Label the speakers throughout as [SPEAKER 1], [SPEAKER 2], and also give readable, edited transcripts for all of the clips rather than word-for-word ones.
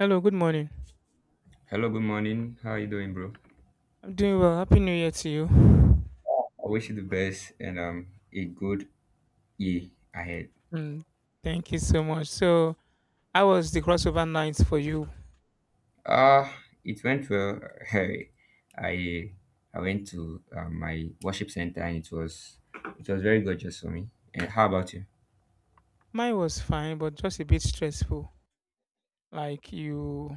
[SPEAKER 1] Hello, good morning.
[SPEAKER 2] Hello, good morning. How are you doing, bro?
[SPEAKER 1] I'm doing well. Happy New Year to you.
[SPEAKER 2] I wish you the best and a good year ahead.
[SPEAKER 1] Mm, thank you so much. So, how was the crossover night for you?
[SPEAKER 2] Uh it went well. Hey, I I went to my worship center and it was very gorgeous for me. And how about you?
[SPEAKER 1] Mine was fine, but just a bit stressful. Like you,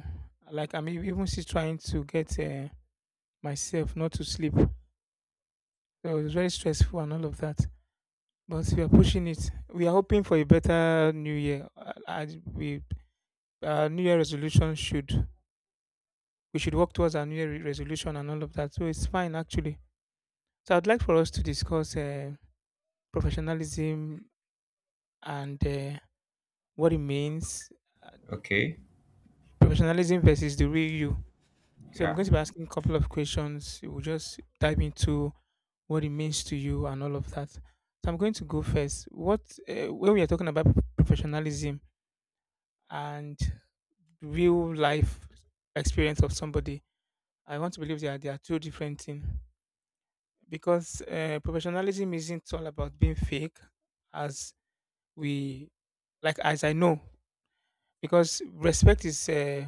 [SPEAKER 1] like I'm even still trying to get myself not to sleep. So it was very stressful and all of that. But we are pushing it. We are hoping for a better New Year. We our New Year resolution should we should work towards our New Year resolution and all of that. So it's fine actually. So I'd like for us to discuss. Professionalism and what it means, uh,
[SPEAKER 2] Okay,
[SPEAKER 1] professionalism versus the real you. So I'm
[SPEAKER 2] yeah.
[SPEAKER 1] going to be asking a couple of questions. We'll just dive into what it means to you and all of that. So I'm going to go first. What When we are talking about professionalism and real life experience of somebody, I want to believe that they are two different things because professionalism isn't all about being fake, as we like as I know. Because respect is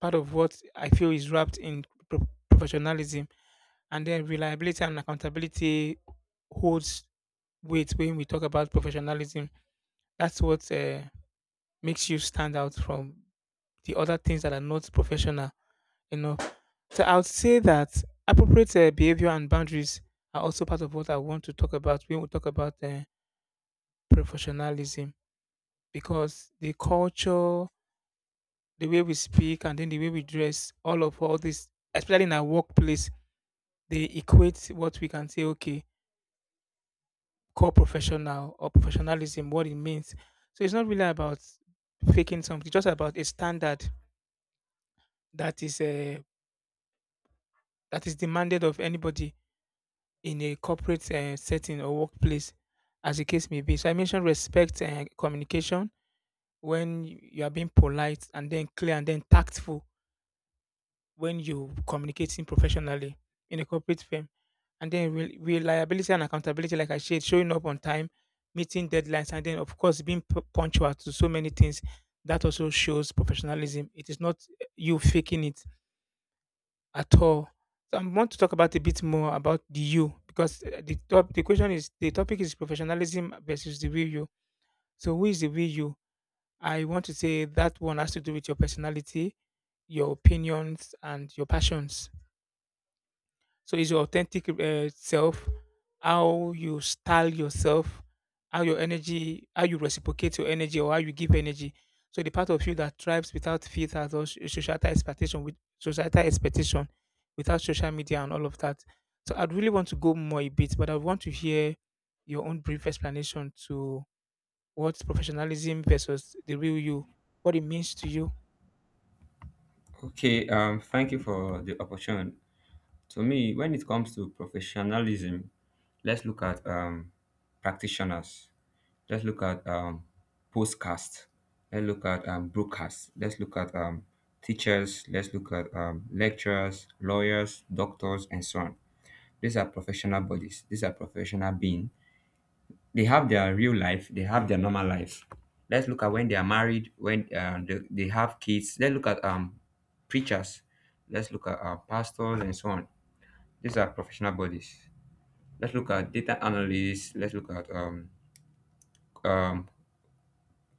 [SPEAKER 1] part of what I feel is wrapped in professionalism, and then reliability and accountability holds weight when we talk about professionalism. That's what makes you stand out from the other things that are not professional enough. So I would say that appropriate behavior and boundaries are also part of what I want to talk about when we talk about professionalism, because the culture, the way we speak and then the way we dress, all of all this, especially in our workplace, they equate what we can say, okay, core professional or professionalism, what it means. So it's not really about faking something, it's just about a standard that is uh, that is demanded of anybody in a corporate setting or workplace, as the case may be. So I mentioned respect and communication, when you are being polite and then clear and then tactful when you communicating professionally in a corporate firm. And then reliability and accountability, like I said, showing up on time, meeting deadlines, and then of course being punctual to so many things. That also shows professionalism. It is not you faking it at all. So I want to talk about a bit more about the you, because the question is, the topic is professionalism versus the real you. So who is the real you? I want to say that one has to do with your personality, your opinions, and your passions. So it's your authentic self, how you style yourself, how your energy, how you reciprocate your energy, or how you give energy. So the part of you that thrives without filters or societal expectation, with societal expectation, without social media and all of that. So I'd really want to go more a bit, but I want to hear your own brief explanation to what professionalism versus the real you, what it means to you.
[SPEAKER 2] Okay, thank you for the opportunity. To me, when it comes to professionalism, let's look at practitioners. Let's look at postcast. Let's look at broadcast. Let's look at teachers. Let's look at lecturers, lawyers, doctors, and so on. These are professional bodies. These are professional beings. They have their real life. They have their normal life. Let's look at when they are married, when they have kids. Let's look at preachers. Let's look at pastors and so on. These are professional bodies. Let's look at data analysts. Let's look at um,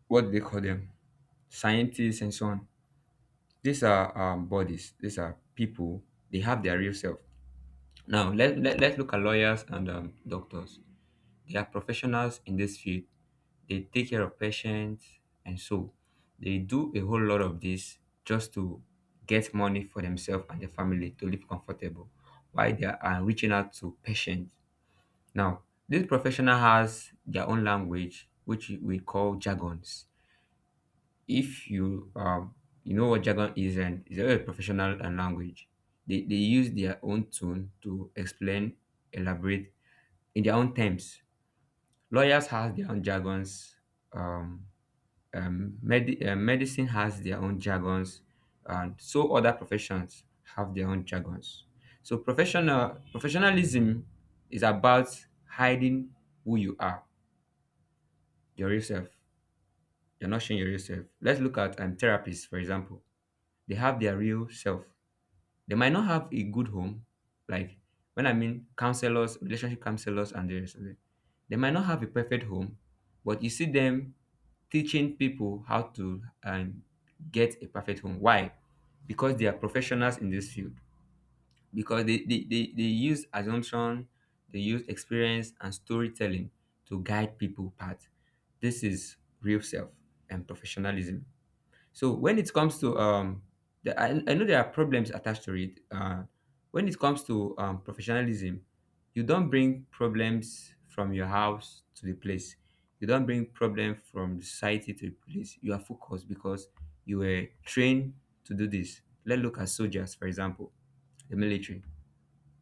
[SPEAKER 2] what do they call them, scientists and so on. These are bodies. These are people. They have their real self. Now let's look at lawyers and doctors. They are professionals in this field. They take care of patients, and so they do a whole lot of this just to get money for themselves and their family to live comfortable while they are reaching out to patients. Now, these professional has their own language, which we call jargons. If you you know what jargon is, and it's a professional and language. They use their own tone to explain, elaborate in their own terms. Lawyers have their own jargons. Um, Medicine has their own jargons, and so other professions have their own jargons. So professionalism is about hiding who you are, your real self. You're not showing your real self. Let's look at therapists, for example. They have their real self. They might not have a good home, like when I mean counselors, relationship counselors, and the rest of it. They might not have a perfect home, but you see them teaching people how to get a perfect home. Why? Because they are professionals in this field, because they use assumption, they use experience and storytelling to guide people path. This is real self and professionalism. So when it comes to the, I know there are problems attached to it. When it comes to professionalism, you don't bring problems from your house to the place. You don't bring problems from the society to the place. You are focused because you were trained to do this. Let's look at soldiers, for example, the military,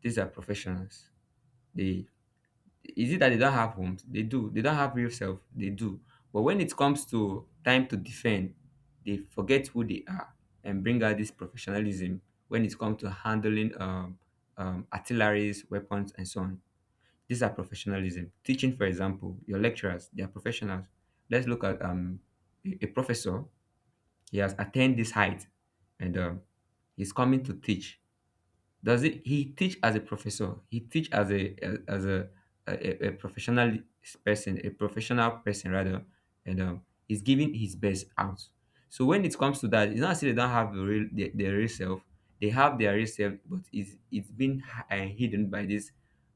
[SPEAKER 2] these are professionals. They, is it that they don't have homes? They do. They don't have real self. They do. But when it comes to time to defend, they forget who they are and bring out this professionalism when it comes to handling artilleries, weapons, and so on. These are professionalism. Teaching, for example, your lecturers, they are professionals. Let's look at a professor. He has attained this height, and he's coming to teach, does it? He teach as a professor. He teach as as a a professional person, a professional person rather, and he's giving his best out. So when it comes to that, it's not as if they don't have the real their real self. They have their real self, but it's been hidden by this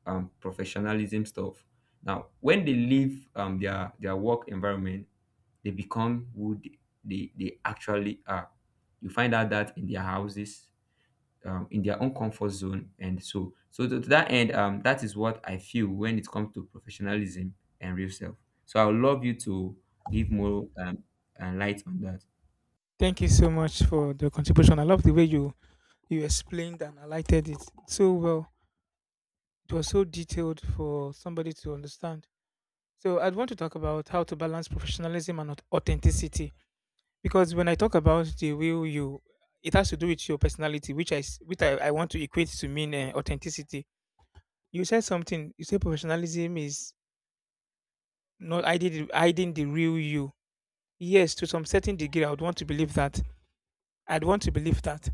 [SPEAKER 2] professionalism stuff. Now, when they leave their work environment, they become who they actually are. You find out that in their houses, in their own comfort zone and so to that end, that is what I feel when it comes to professionalism and real self. So I would love you to give more light on that.
[SPEAKER 1] Thank you so much for the contribution. I love the way you explained and highlighted it so well. It was so detailed for somebody to understand. So I'd want to talk about how to balance professionalism and authenticity, because when I talk about the real you, it has to do with your personality, which I s- which I want to equate to mean authenticity. You said something. You said professionalism is not hiding the real you. Yes, to some certain degree, I would want to believe that. I'd want to believe that,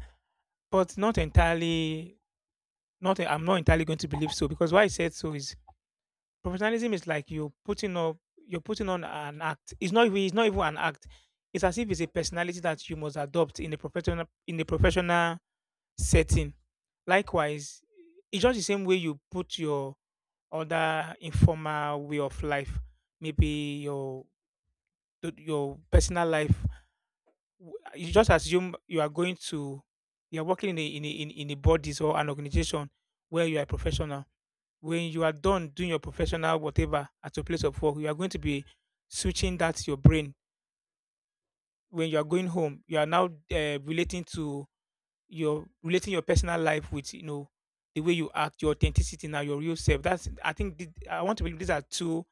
[SPEAKER 1] but not entirely. Not I'm not entirely going to believe so, because why I said so is: professionalism is like you're putting on an act. It's not even an act. It's as if it's a personality that you must adopt in a professional setting. Likewise, it's just the same way you put your other informal way of life, maybe your your personal life. You just assume you are going to, you are working in a in a bodies or an organization where you are a professional. When you are done doing your professional whatever at your place of work, you are going to be switching that to your brain. When you are going home, you are now relating to your relating your personal life with, you know, the way you act, your authenticity now, your real self. That's, I think, I want to believe these are two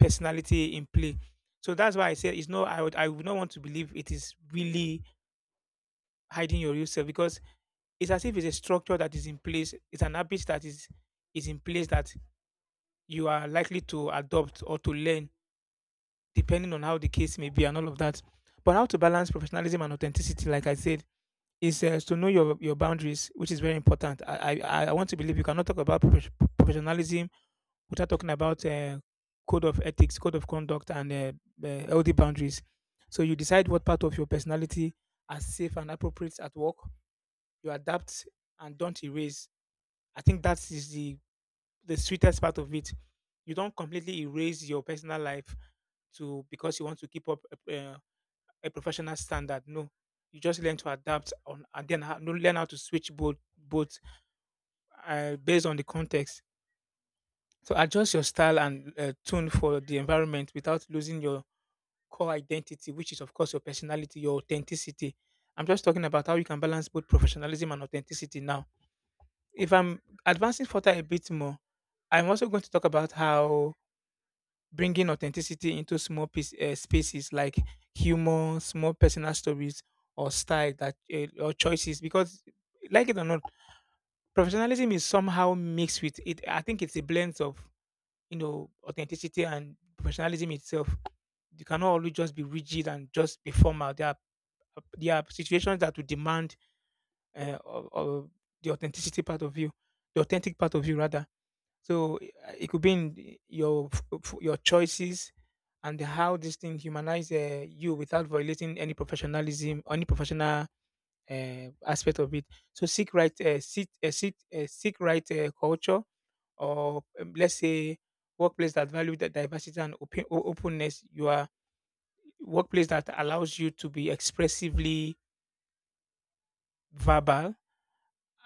[SPEAKER 1] personality in play. So that's why I said it's no. I would not want to believe it is really hiding your real self, because it's as if it's a structure that is in place. It's an habit that is in place, that you are likely to adopt or to learn depending on how the case may be and all of that. But how to balance professionalism and authenticity, like I said, is to know your boundaries, which is very important. I want to believe you cannot talk about professionalism without talking about code of ethics, code of conduct, and healthy boundaries. So you decide what part of your personality are safe and appropriate at work. You adapt and don't erase. I think that is the sweetest part of it. You don't completely erase your personal life to, because you want to keep up uh, a professional standard. No, you just learn to adapt on, and then learn how to switch both based on the context. So adjust your style and tune for the environment without losing your core identity, which is of course your personality, your authenticity. I'm just talking about how you can balance both professionalism and authenticity now. If I'm advancing further a bit more, I'm also going to talk about how bringing authenticity into small spaces like humor, small personal stories, or style that or choices. Because, like it or not, professionalism is somehow mixed with it. I think it's a blend of, you know, authenticity and professionalism itself. You cannot always just be rigid and just be formal. There are situations that will demand or the authenticity part of you, the authentic part of you rather. So it could be in your your choices and how this thing humanize you without violating any professionalism, any professional aspect of it. So seek right culture, or let's say workplace that value the diversity and openness. You are Workplace that allows you to be expressively verbal,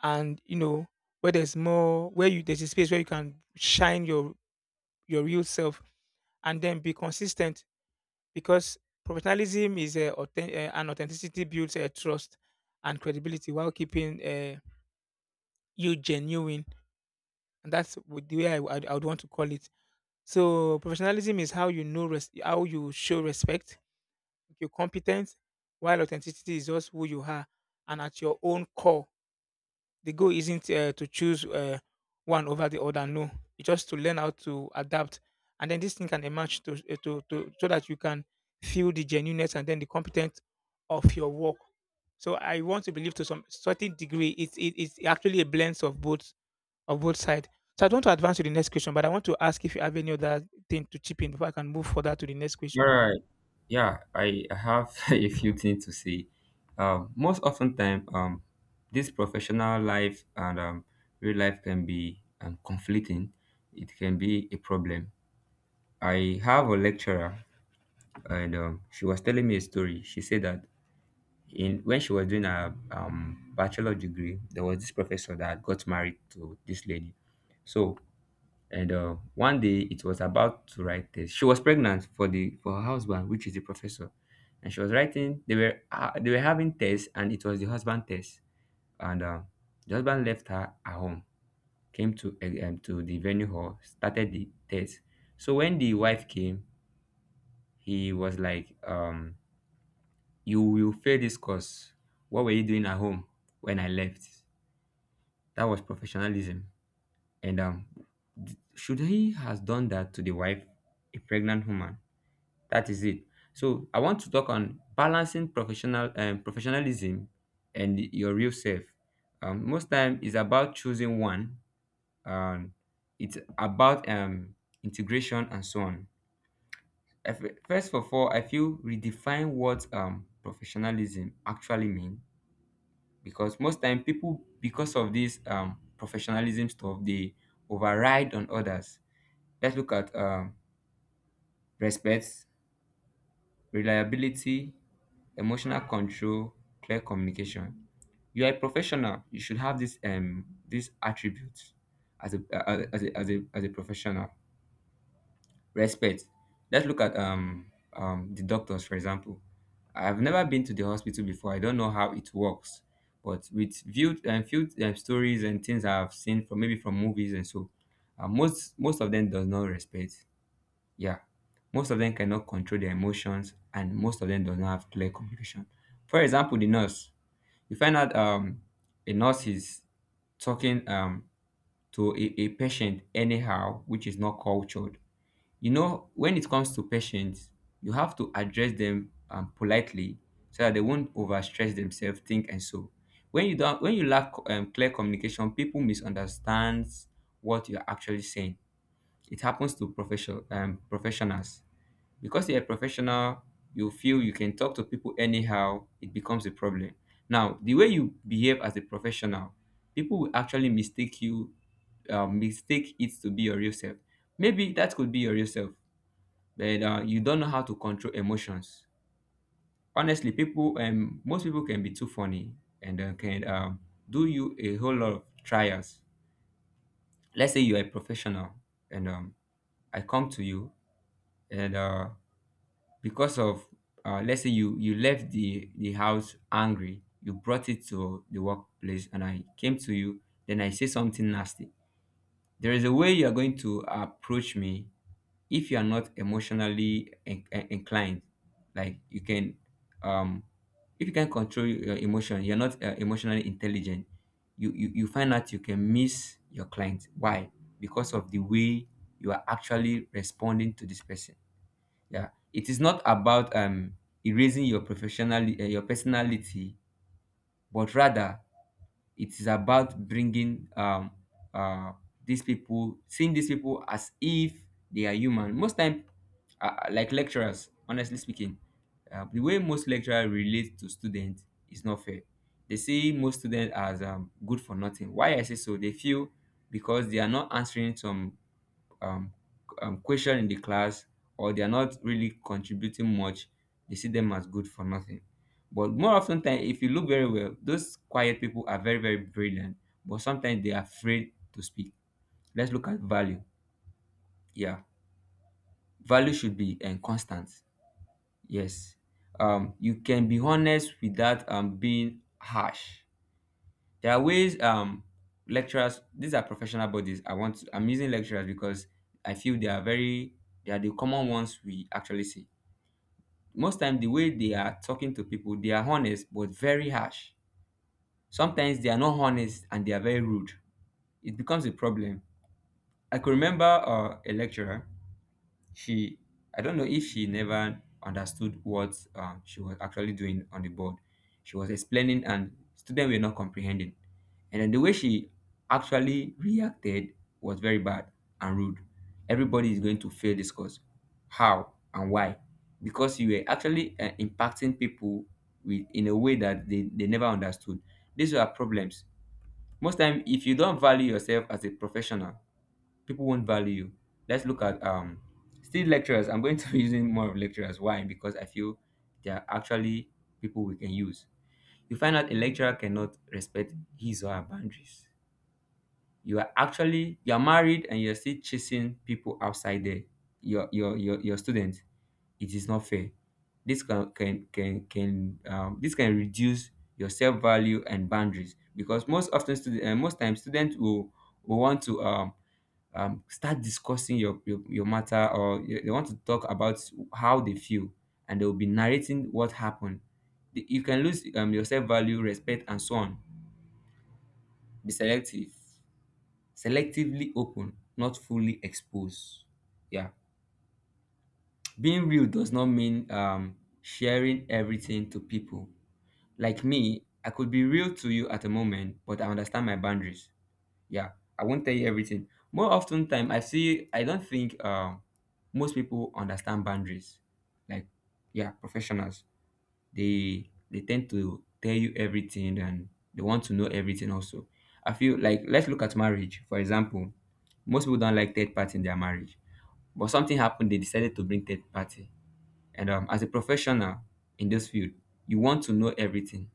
[SPEAKER 1] and you know where there's a space where you can shine your real self and then be consistent, because authenticity builds a trust and credibility while keeping you genuine. And that's what the way I would want to call it. So professionalism is how, you know, how you show respect, you're competent, while authenticity is just who you are and at your own core. The goal isn't to choose one over the other. No, it's just to learn how to adapt, and then this thing can emerge to, eh, to so that you can feel the genuineness and then the competence of your work. So I want to believe to some certain degree it's actually a blend of both sides. So I don't want to advance to the next question, but I want to ask if you have any other thing to chip in before I can move further to the next
[SPEAKER 2] All
[SPEAKER 1] question.
[SPEAKER 2] right. Yeah, I have a few things to say. Most often time, this professional life and real life can be conflicting. It can be a problem. I have a lecturer, and she was telling me a story. She said that in when she was doing her bachelor degree, there was this professor that got married to this lady. So, and one day it was about to write this. She was pregnant for the for her husband, which is the professor, and she was writing. They were having tests, and it was the husband test. And the husband left her at home, came to to the venue hall, started the test. So when the wife came, he was like, you will fail this course. What were you doing at home when I left? That was professionalism. And should he has done that to the wife, a pregnant woman? That is it. So I want to talk on balancing professionalism and your real self. Most time is about choosing one. Um, it's about integration and so on. First of all, I feel redefine what professionalism actually means. Because most time people, because of this professionalism stuff, they override on others. Let's look at respect, reliability, emotional control, clear communication. You are a professional, you should have this these attributes as a as a professional. Respect. Let's look at the doctors, for example. I've never been to the hospital before, I don't know how it works, but with viewed and few stories and things I've seen from maybe from movies and so, most of them does not respect. Yeah, most of them cannot control their emotions, and most of them do not have clear communication. For example, the nurse, you find out a nurse is talking to a patient anyhow, which is not cultured. You know, when it comes to patients, you have to address them politely so that they won't overstress themselves, think and so. When you don't, when you lack clear communication, people misunderstand what you're actually saying. It happens to professionals. Because you're a professional, you feel you can talk to people anyhow, it becomes a problem. Now, the way you behave as a professional, people will actually mistake you, mistake it to be your real self. Maybe that could be your real self, but you don't know how to control emotions. Honestly, people most people can be too funny and can do you a whole lot of trials. Let's say you are a professional, and I come to you, and because of let's say you you left the house angry, you brought it to the workplace and I came to you, then I say something nasty. There is a way you are going to approach me if you are not inclined. Like you can um if you can control your emotion, you're not emotionally intelligent, you find out you can miss your client. Why? Because of the way you are actually responding to this person. Yeah, it is not about erasing your professional your personality, but rather it is about bringing uh these people, seeing these people as if they are human. Most time, like lecturers, honestly speaking, the way most lecturers relate to students is not fair. They see most students as good for nothing. Why I say so, they feel because they are not answering some um, question in the class, or they are not really contributing much, they see them as good for nothing. But more often than if you look very well, those quiet people are very brilliant, but sometimes they are afraid to speak. Let's look at value. Yeah, value should be constant. Yes. You can be honest without being harsh. There are ways lecturers, these are professional bodies. I'm using lecturers because I feel they are very, they are the common ones we actually see. Most time, the way they are talking to people, they are honest but very harsh. Sometimes they are not honest and they are very rude. It becomes a problem. I could remember a lecturer. She, I don't know if she never understood what she was actually doing on the board. She was explaining, and students were not comprehending. And then the way she actually reacted was very bad and rude. Everybody is going to fail this course. How and why? Because you were actually impacting people with in a way that they never understood. These were problems. Most time, if you don't value yourself as a professional, people won't value you. Let's look at still lecturers. I'm going to be using more of lecturers. Why? Because I feel they are actually people we can use. You find out a lecturer cannot respect his or her boundaries. You are married and you're still chasing people outside there. Your students. It is not fair. This can this can reduce your self value and boundaries, because most times students will want to start discussing your matter, or they want to talk about how they feel, and they'll be narrating what happened. You can lose your self-value, respect and so on. Be selectively open, not fully exposed. Yeah. Being real does not mean sharing everything to people. Like me, I could be real to you at the moment, but I understand my boundaries. Yeah, I won't tell you everything. More often time, I don't think most people understand boundaries. Like, yeah, professionals, they tend to tell you everything, and they want to know everything also. I feel like, let's look at marriage for example. Most people don't like third party in their marriage, but something happened, they decided to bring third party. And as a professional in this field, you want to know everything.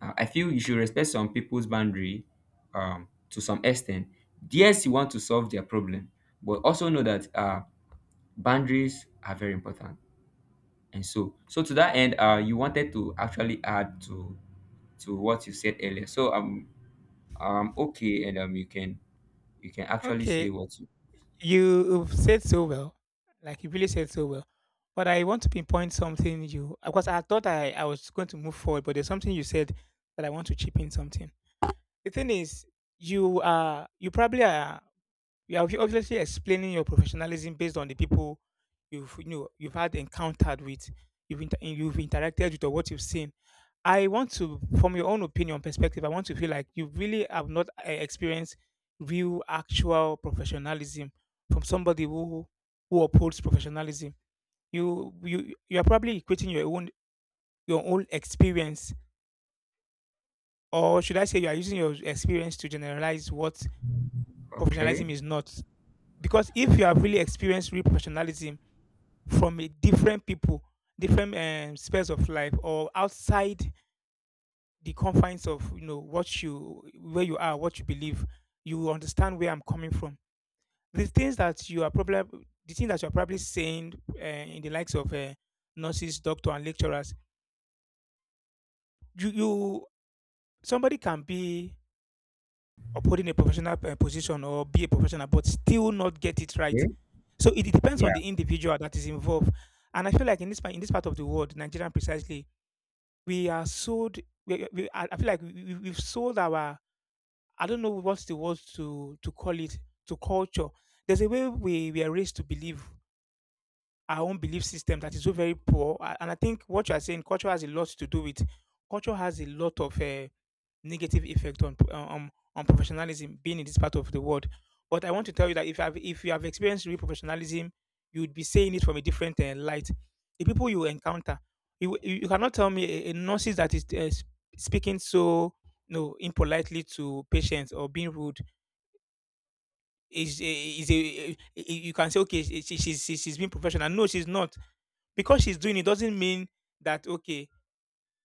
[SPEAKER 2] I feel you should respect some people's boundary, to some extent. Yes, you want to solve their problem, but also know that boundaries are very important. And so, to that end, you wanted to actually add to what you said earlier. So okay, and you can actually say
[SPEAKER 1] Okay,
[SPEAKER 2] what you
[SPEAKER 1] you said so well, like you really said so well. But I want to pinpoint something you, because I thought I was going to move forward, but there's something you said that I want to chip in something. The thing is, you are you probably are you are obviously explaining your professionalism based on the people you know you've had encountered with, you've interacted with, or what you've seen. I want to, from your own opinion perspective, I want to feel like you really have not experienced real, actual professionalism from somebody who upholds professionalism. You are probably equating your own experience, or should I say, you are using your experience to generalize what professionalism
[SPEAKER 2] okay.
[SPEAKER 1] is not. Because if you have really experienced real professionalism, from a different people, different spheres of life, or outside the confines of, you know, what you where you are, what you believe, you will understand where I'm coming from. The things that you are probably the thing that you are probably saying in the likes of nurses, doctor, and lecturers, you somebody can be upholding a professional position or be a professional, but still not get it right.
[SPEAKER 2] Okay.
[SPEAKER 1] So it depends
[SPEAKER 2] Yeah.
[SPEAKER 1] on the individual that is involved. And I feel like in this part of the world, Nigerian precisely, we are sold. We, I feel like we've sold our. I don't know what's the word to call it to culture. There's a way we are raised to believe our own belief system that is so very poor. And I think what you are saying, culture has a lot to do with. Culture has a lot of negative effect on professionalism being in this part of the world. But I want to tell you that if you have experienced real professionalism, you would be saying it from a different light. The people you encounter, you cannot tell me a nurses that is speaking so no impolitely to patients or being rude is a eh, eh, you can say okay she's she's being professional. No, she's not because she's doing it doesn't mean that okay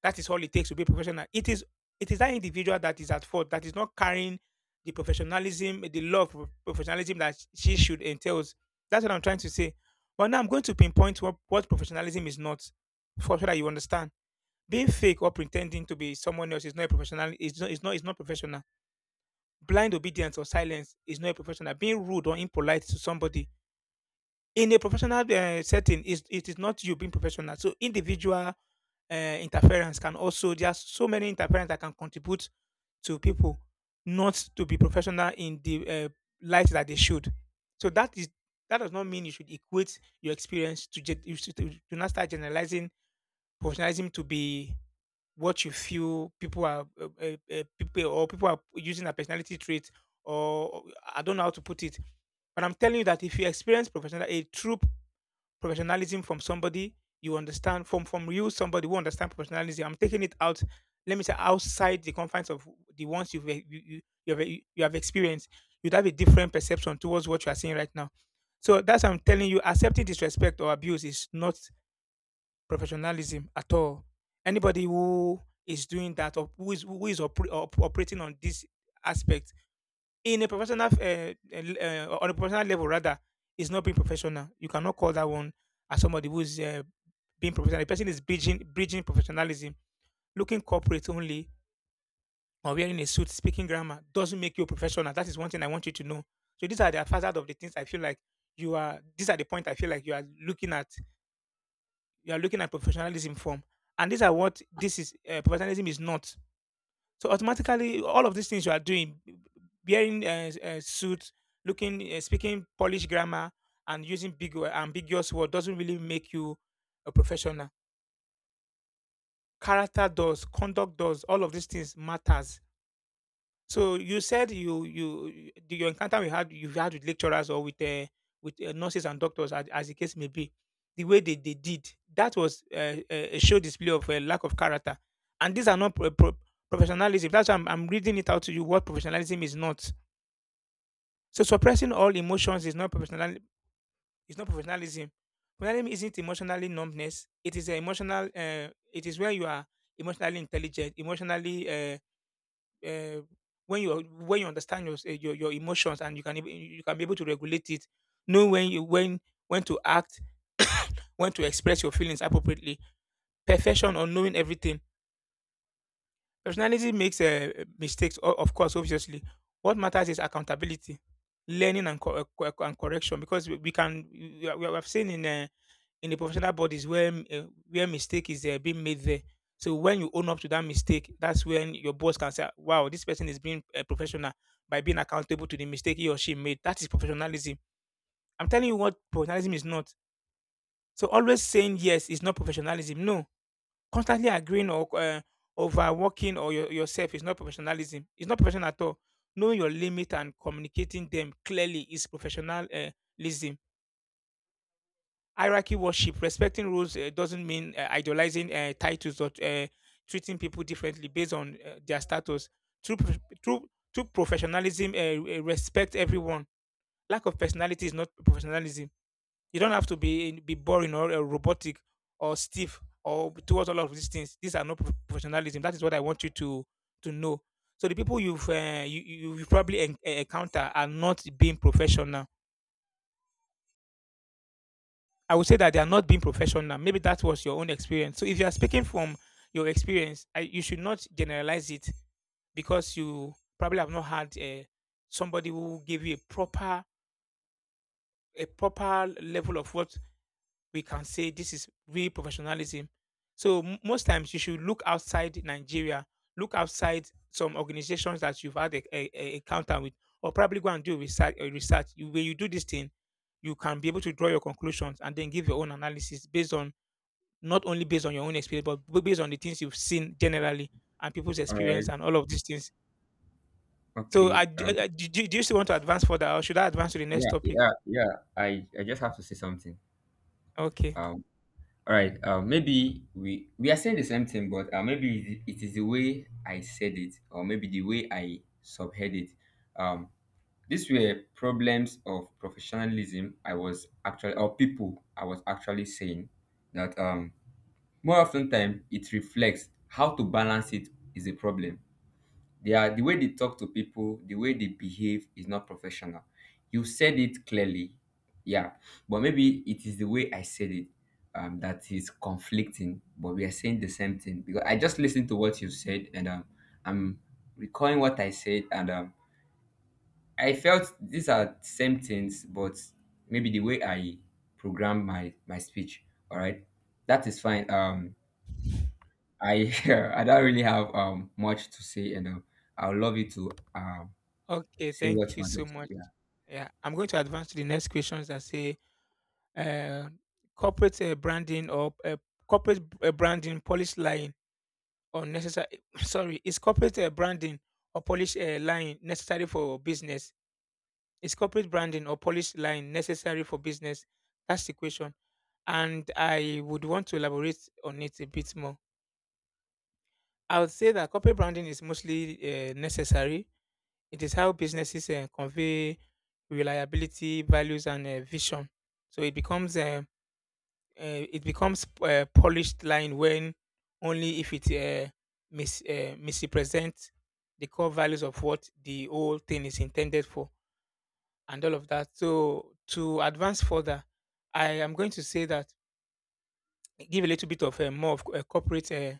[SPEAKER 1] that is all it takes to be professional. It is that individual that is at fault, that is not carrying the professionalism, the love of professionalism that she should entails. That's what I'm trying to say. But now I'm going to pinpoint what professionalism is not, for so that you understand. Being fake or pretending to be someone else is not a professional. It's not is not professional. Blind obedience or silence is not a professional. Being rude or impolite to somebody in a professional setting, is it is not you being professional. So individual uh, interference can also there are so many interference that can contribute to people not to be professional in the light that they should. So that does not mean you should equate your experience you should to not start generalizing professionalism to be what you feel people are people or people are using a personality trait or I don't know how to put it. But I'm telling you that if you experience professional a true professionalism from somebody you understand from you somebody who understand professionalism. I'm taking it out, let me say outside the confines of the ones you have you have experienced. You'd have a different perception towards what you are seeing right now. So that's why I'm telling you, accepting disrespect or abuse is not professionalism at all. Anybody who is doing that or who is operating on this aspect in a professional f- on a professional level rather is not being professional. You cannot call that one as somebody who is being professional. The person is bridging professionalism, looking corporate only, or wearing a suit, speaking grammar doesn't make you a professional. That is one thing I want you to know. So these are the facade of the things I feel like you are. These are the point I feel like you are looking at. You are looking at professionalism from, and these are what this is. Professionalism is not. So automatically, all of these things you are doing, wearing a suit, looking, speaking Polish grammar, and using ambiguous word doesn't really make you a professional. Character does, conduct does, all of these things matters. So you said you you the- your encounter we had you had with lecturers or with nurses and doctors as the case may be, the way they did that was a show display of a lack of character, and these are not professionalism. That's why I'm reading it out to you what professionalism is not. So suppressing all emotions is not professional. Is not professionalism. Professionalism isn't emotionally numbness. It is a emotional. It is where you are emotionally intelligent, emotionally. Uh, when you understand your, your emotions, and you you can be able to regulate it, know when to act, when to express your feelings appropriately. Perfection or knowing everything, personality makes mistakes of course obviously. What matters is accountability, learning, and correction, because we have seen in the professional bodies where where mistake is being made there. So when you own up to that mistake, that's when your boss can say, "Wow, this person is being professional by being accountable to the mistake he or she made." That is professionalism. I'm telling you what professionalism is not. So always saying yes is not professionalism. No, constantly agreeing or overworking or yourself is not professionalism. It's not professional at all. Knowing your limit and communicating them clearly is professionalism. Hierarchy worship, respecting rules, doesn't mean idolizing titles or treating people differently based on their status. true prof- true true professionalism respect everyone. Lack of personality is not professionalism. You don't have to be boring or robotic or stiff or towards all of these things. These are not professionalism. That is what I want you to know. So the people you've encounter are not being professional. I would say that they are not being professional. Maybe that was your own experience. So if you are speaking from your experience, you should not generalize it, because you probably have not had somebody who gave you a proper level of what we can say this is real professionalism. So most times you should look outside Nigeria, look outside some organizations that you've had a encounter with, or probably go and do research. Research. When you do this thing, you can be able to draw your conclusions and then give your own analysis based on not only based on your own experience, but based on the things you've seen generally, and people's
[SPEAKER 2] All right.
[SPEAKER 1] experience and all of these things. So, I,
[SPEAKER 2] Okay.
[SPEAKER 1] d- I- do, do do you still want to advance further, or should I advance to the next
[SPEAKER 2] Yeah.
[SPEAKER 1] topic?
[SPEAKER 2] Yeah. Yeah. I just have to say something.
[SPEAKER 1] Okay,
[SPEAKER 2] Um. All right. Maybe we are saying the same thing, but maybe it is the way I said it, or maybe the way I subhead it. Um, these were problems of professionalism. I was actually, or people, I was actually saying that more often time it reflects how to balance it is a problem. Their, the way they talk to people, the way they behave, is not professional. You said it clearly. Yeah. But maybe it is the way I said it, that is conflicting. But we are saying the same thing, because I just listened to what you said, and I'm recalling what I said, and I felt these are same things, but maybe the way I program my speech. All right, that is fine. I I don't really have much to say, and I would love you to
[SPEAKER 1] okay,
[SPEAKER 2] Say what
[SPEAKER 1] thank
[SPEAKER 2] you
[SPEAKER 1] you so
[SPEAKER 2] wanted to.
[SPEAKER 1] much.
[SPEAKER 2] Yeah.
[SPEAKER 1] Yeah, I'm going to advance to the next questions that say uh, corporate branding or corporate branding, polish lying or necessary. Sorry, is corporate branding or polish lying necessary for business? Is corporate branding or polish line necessary for business? That's the question. And I would want to elaborate on it a bit more. I would say that corporate branding is mostly necessary. It is how businesses convey reliability, values, and vision. So it becomes polished line when only if it misrepresents the core values of what the whole thing is intended for, and all of that. So to advance further, I am going to say that give a little bit of more of corporate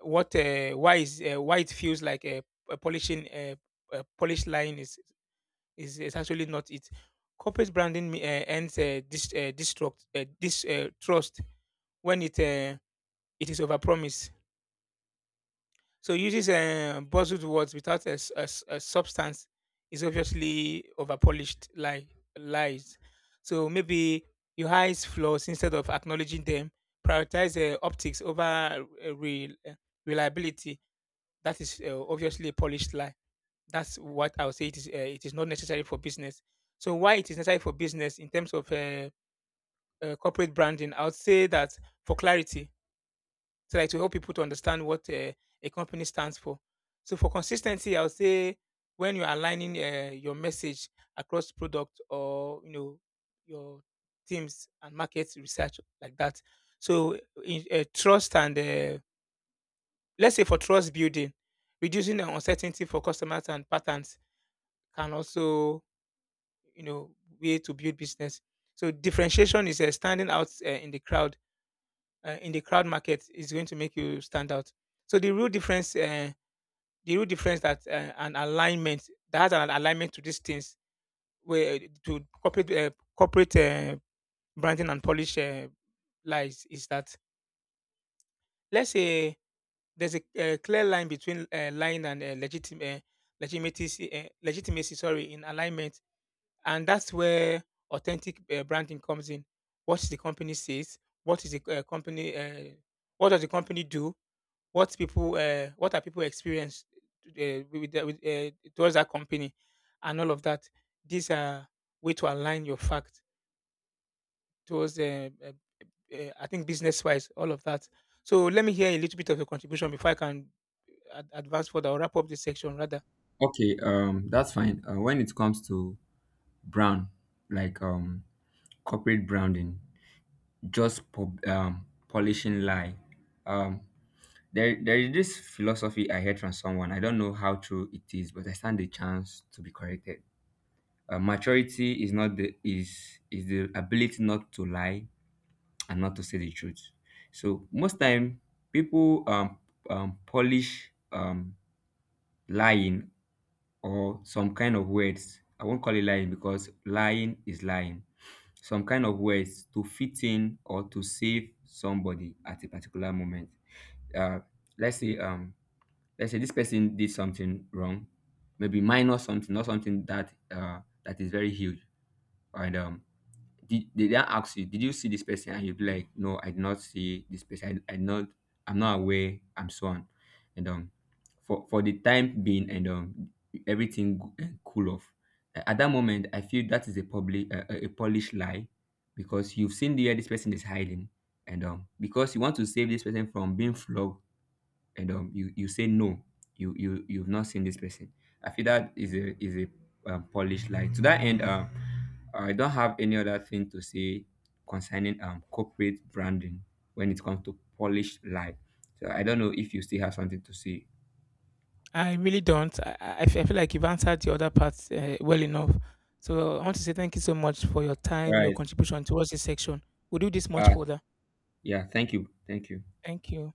[SPEAKER 1] what why is why it feels like a polishing a polish line is actually not it. Corporate branding ends dis, destruct this trust when it it is overpromised. So uses buzzed words without a substance is obviously overpolished like lies. So maybe your eyes flaws instead of acknowledging them, prioritize optics over reliability. That is obviously a polished lie. That's what I would say. It is. It is not necessary for business. So why it is necessary for business in terms of corporate branding? I would say that for clarity, so like to help people to understand what a company stands for. So for consistency, I would say when you're aligning your message across product or you know your teams and market research like that. So in, trust and let's say for trust building, reducing the uncertainty for customers and patterns can also you know way to build business. So differentiation is standing out in the crowd market is going to make you stand out. So the real difference that an alignment to these things, where to corporate branding and polish lies is that, let's say, there's a, clear line between lying and legitimacy, sorry, in alignment, and that's where authentic branding comes in. What the company says, what is the company, what does the company do, what people, what are people experience towards that company, and all of that. These are way to align your fact towards, I think, business wise, all of that. So let me hear a little bit of your contribution before I can advance further or wrap up this section rather.
[SPEAKER 2] Okay. That's fine. When it comes to brand, like corporate branding, just polishing lie. Um, there is this philosophy I heard from someone. I don't know how true it is, but I stand the chance to be corrected. Maturity is not the is the ability not to lie and not to say the truth. So most time people polish lying, or some kind of words. I won't call it lying because lying is lying. Some kind of words to fit in, or to save somebody at a particular moment. Uh, let's say um, let's say this person did something wrong, maybe minor something, not something that is very huge, and did they ask you, did you see this person, and you'd be like, no, I did not see this person, I not I'm not aware, I'm so on, and for the time being, and everything cool off. At that moment, I feel that is a public, a polished lie, because you've seen the where this person is hiding, and because you want to save this person from being flogged, and you say no, you've not seen this person. I feel that is a polished lie. To that end, I don't have any other thing to say concerning corporate branding when it comes to polished lie. So I don't know if you still have something to say.
[SPEAKER 1] I really don't. I feel like you've answered the other parts well enough. So I want to say thank you so much for your
[SPEAKER 2] All
[SPEAKER 1] time, your
[SPEAKER 2] right.
[SPEAKER 1] contribution towards this section. We'll do this much
[SPEAKER 2] uh
[SPEAKER 1] further.
[SPEAKER 2] yeah, thank you, thank you.
[SPEAKER 1] Thank you.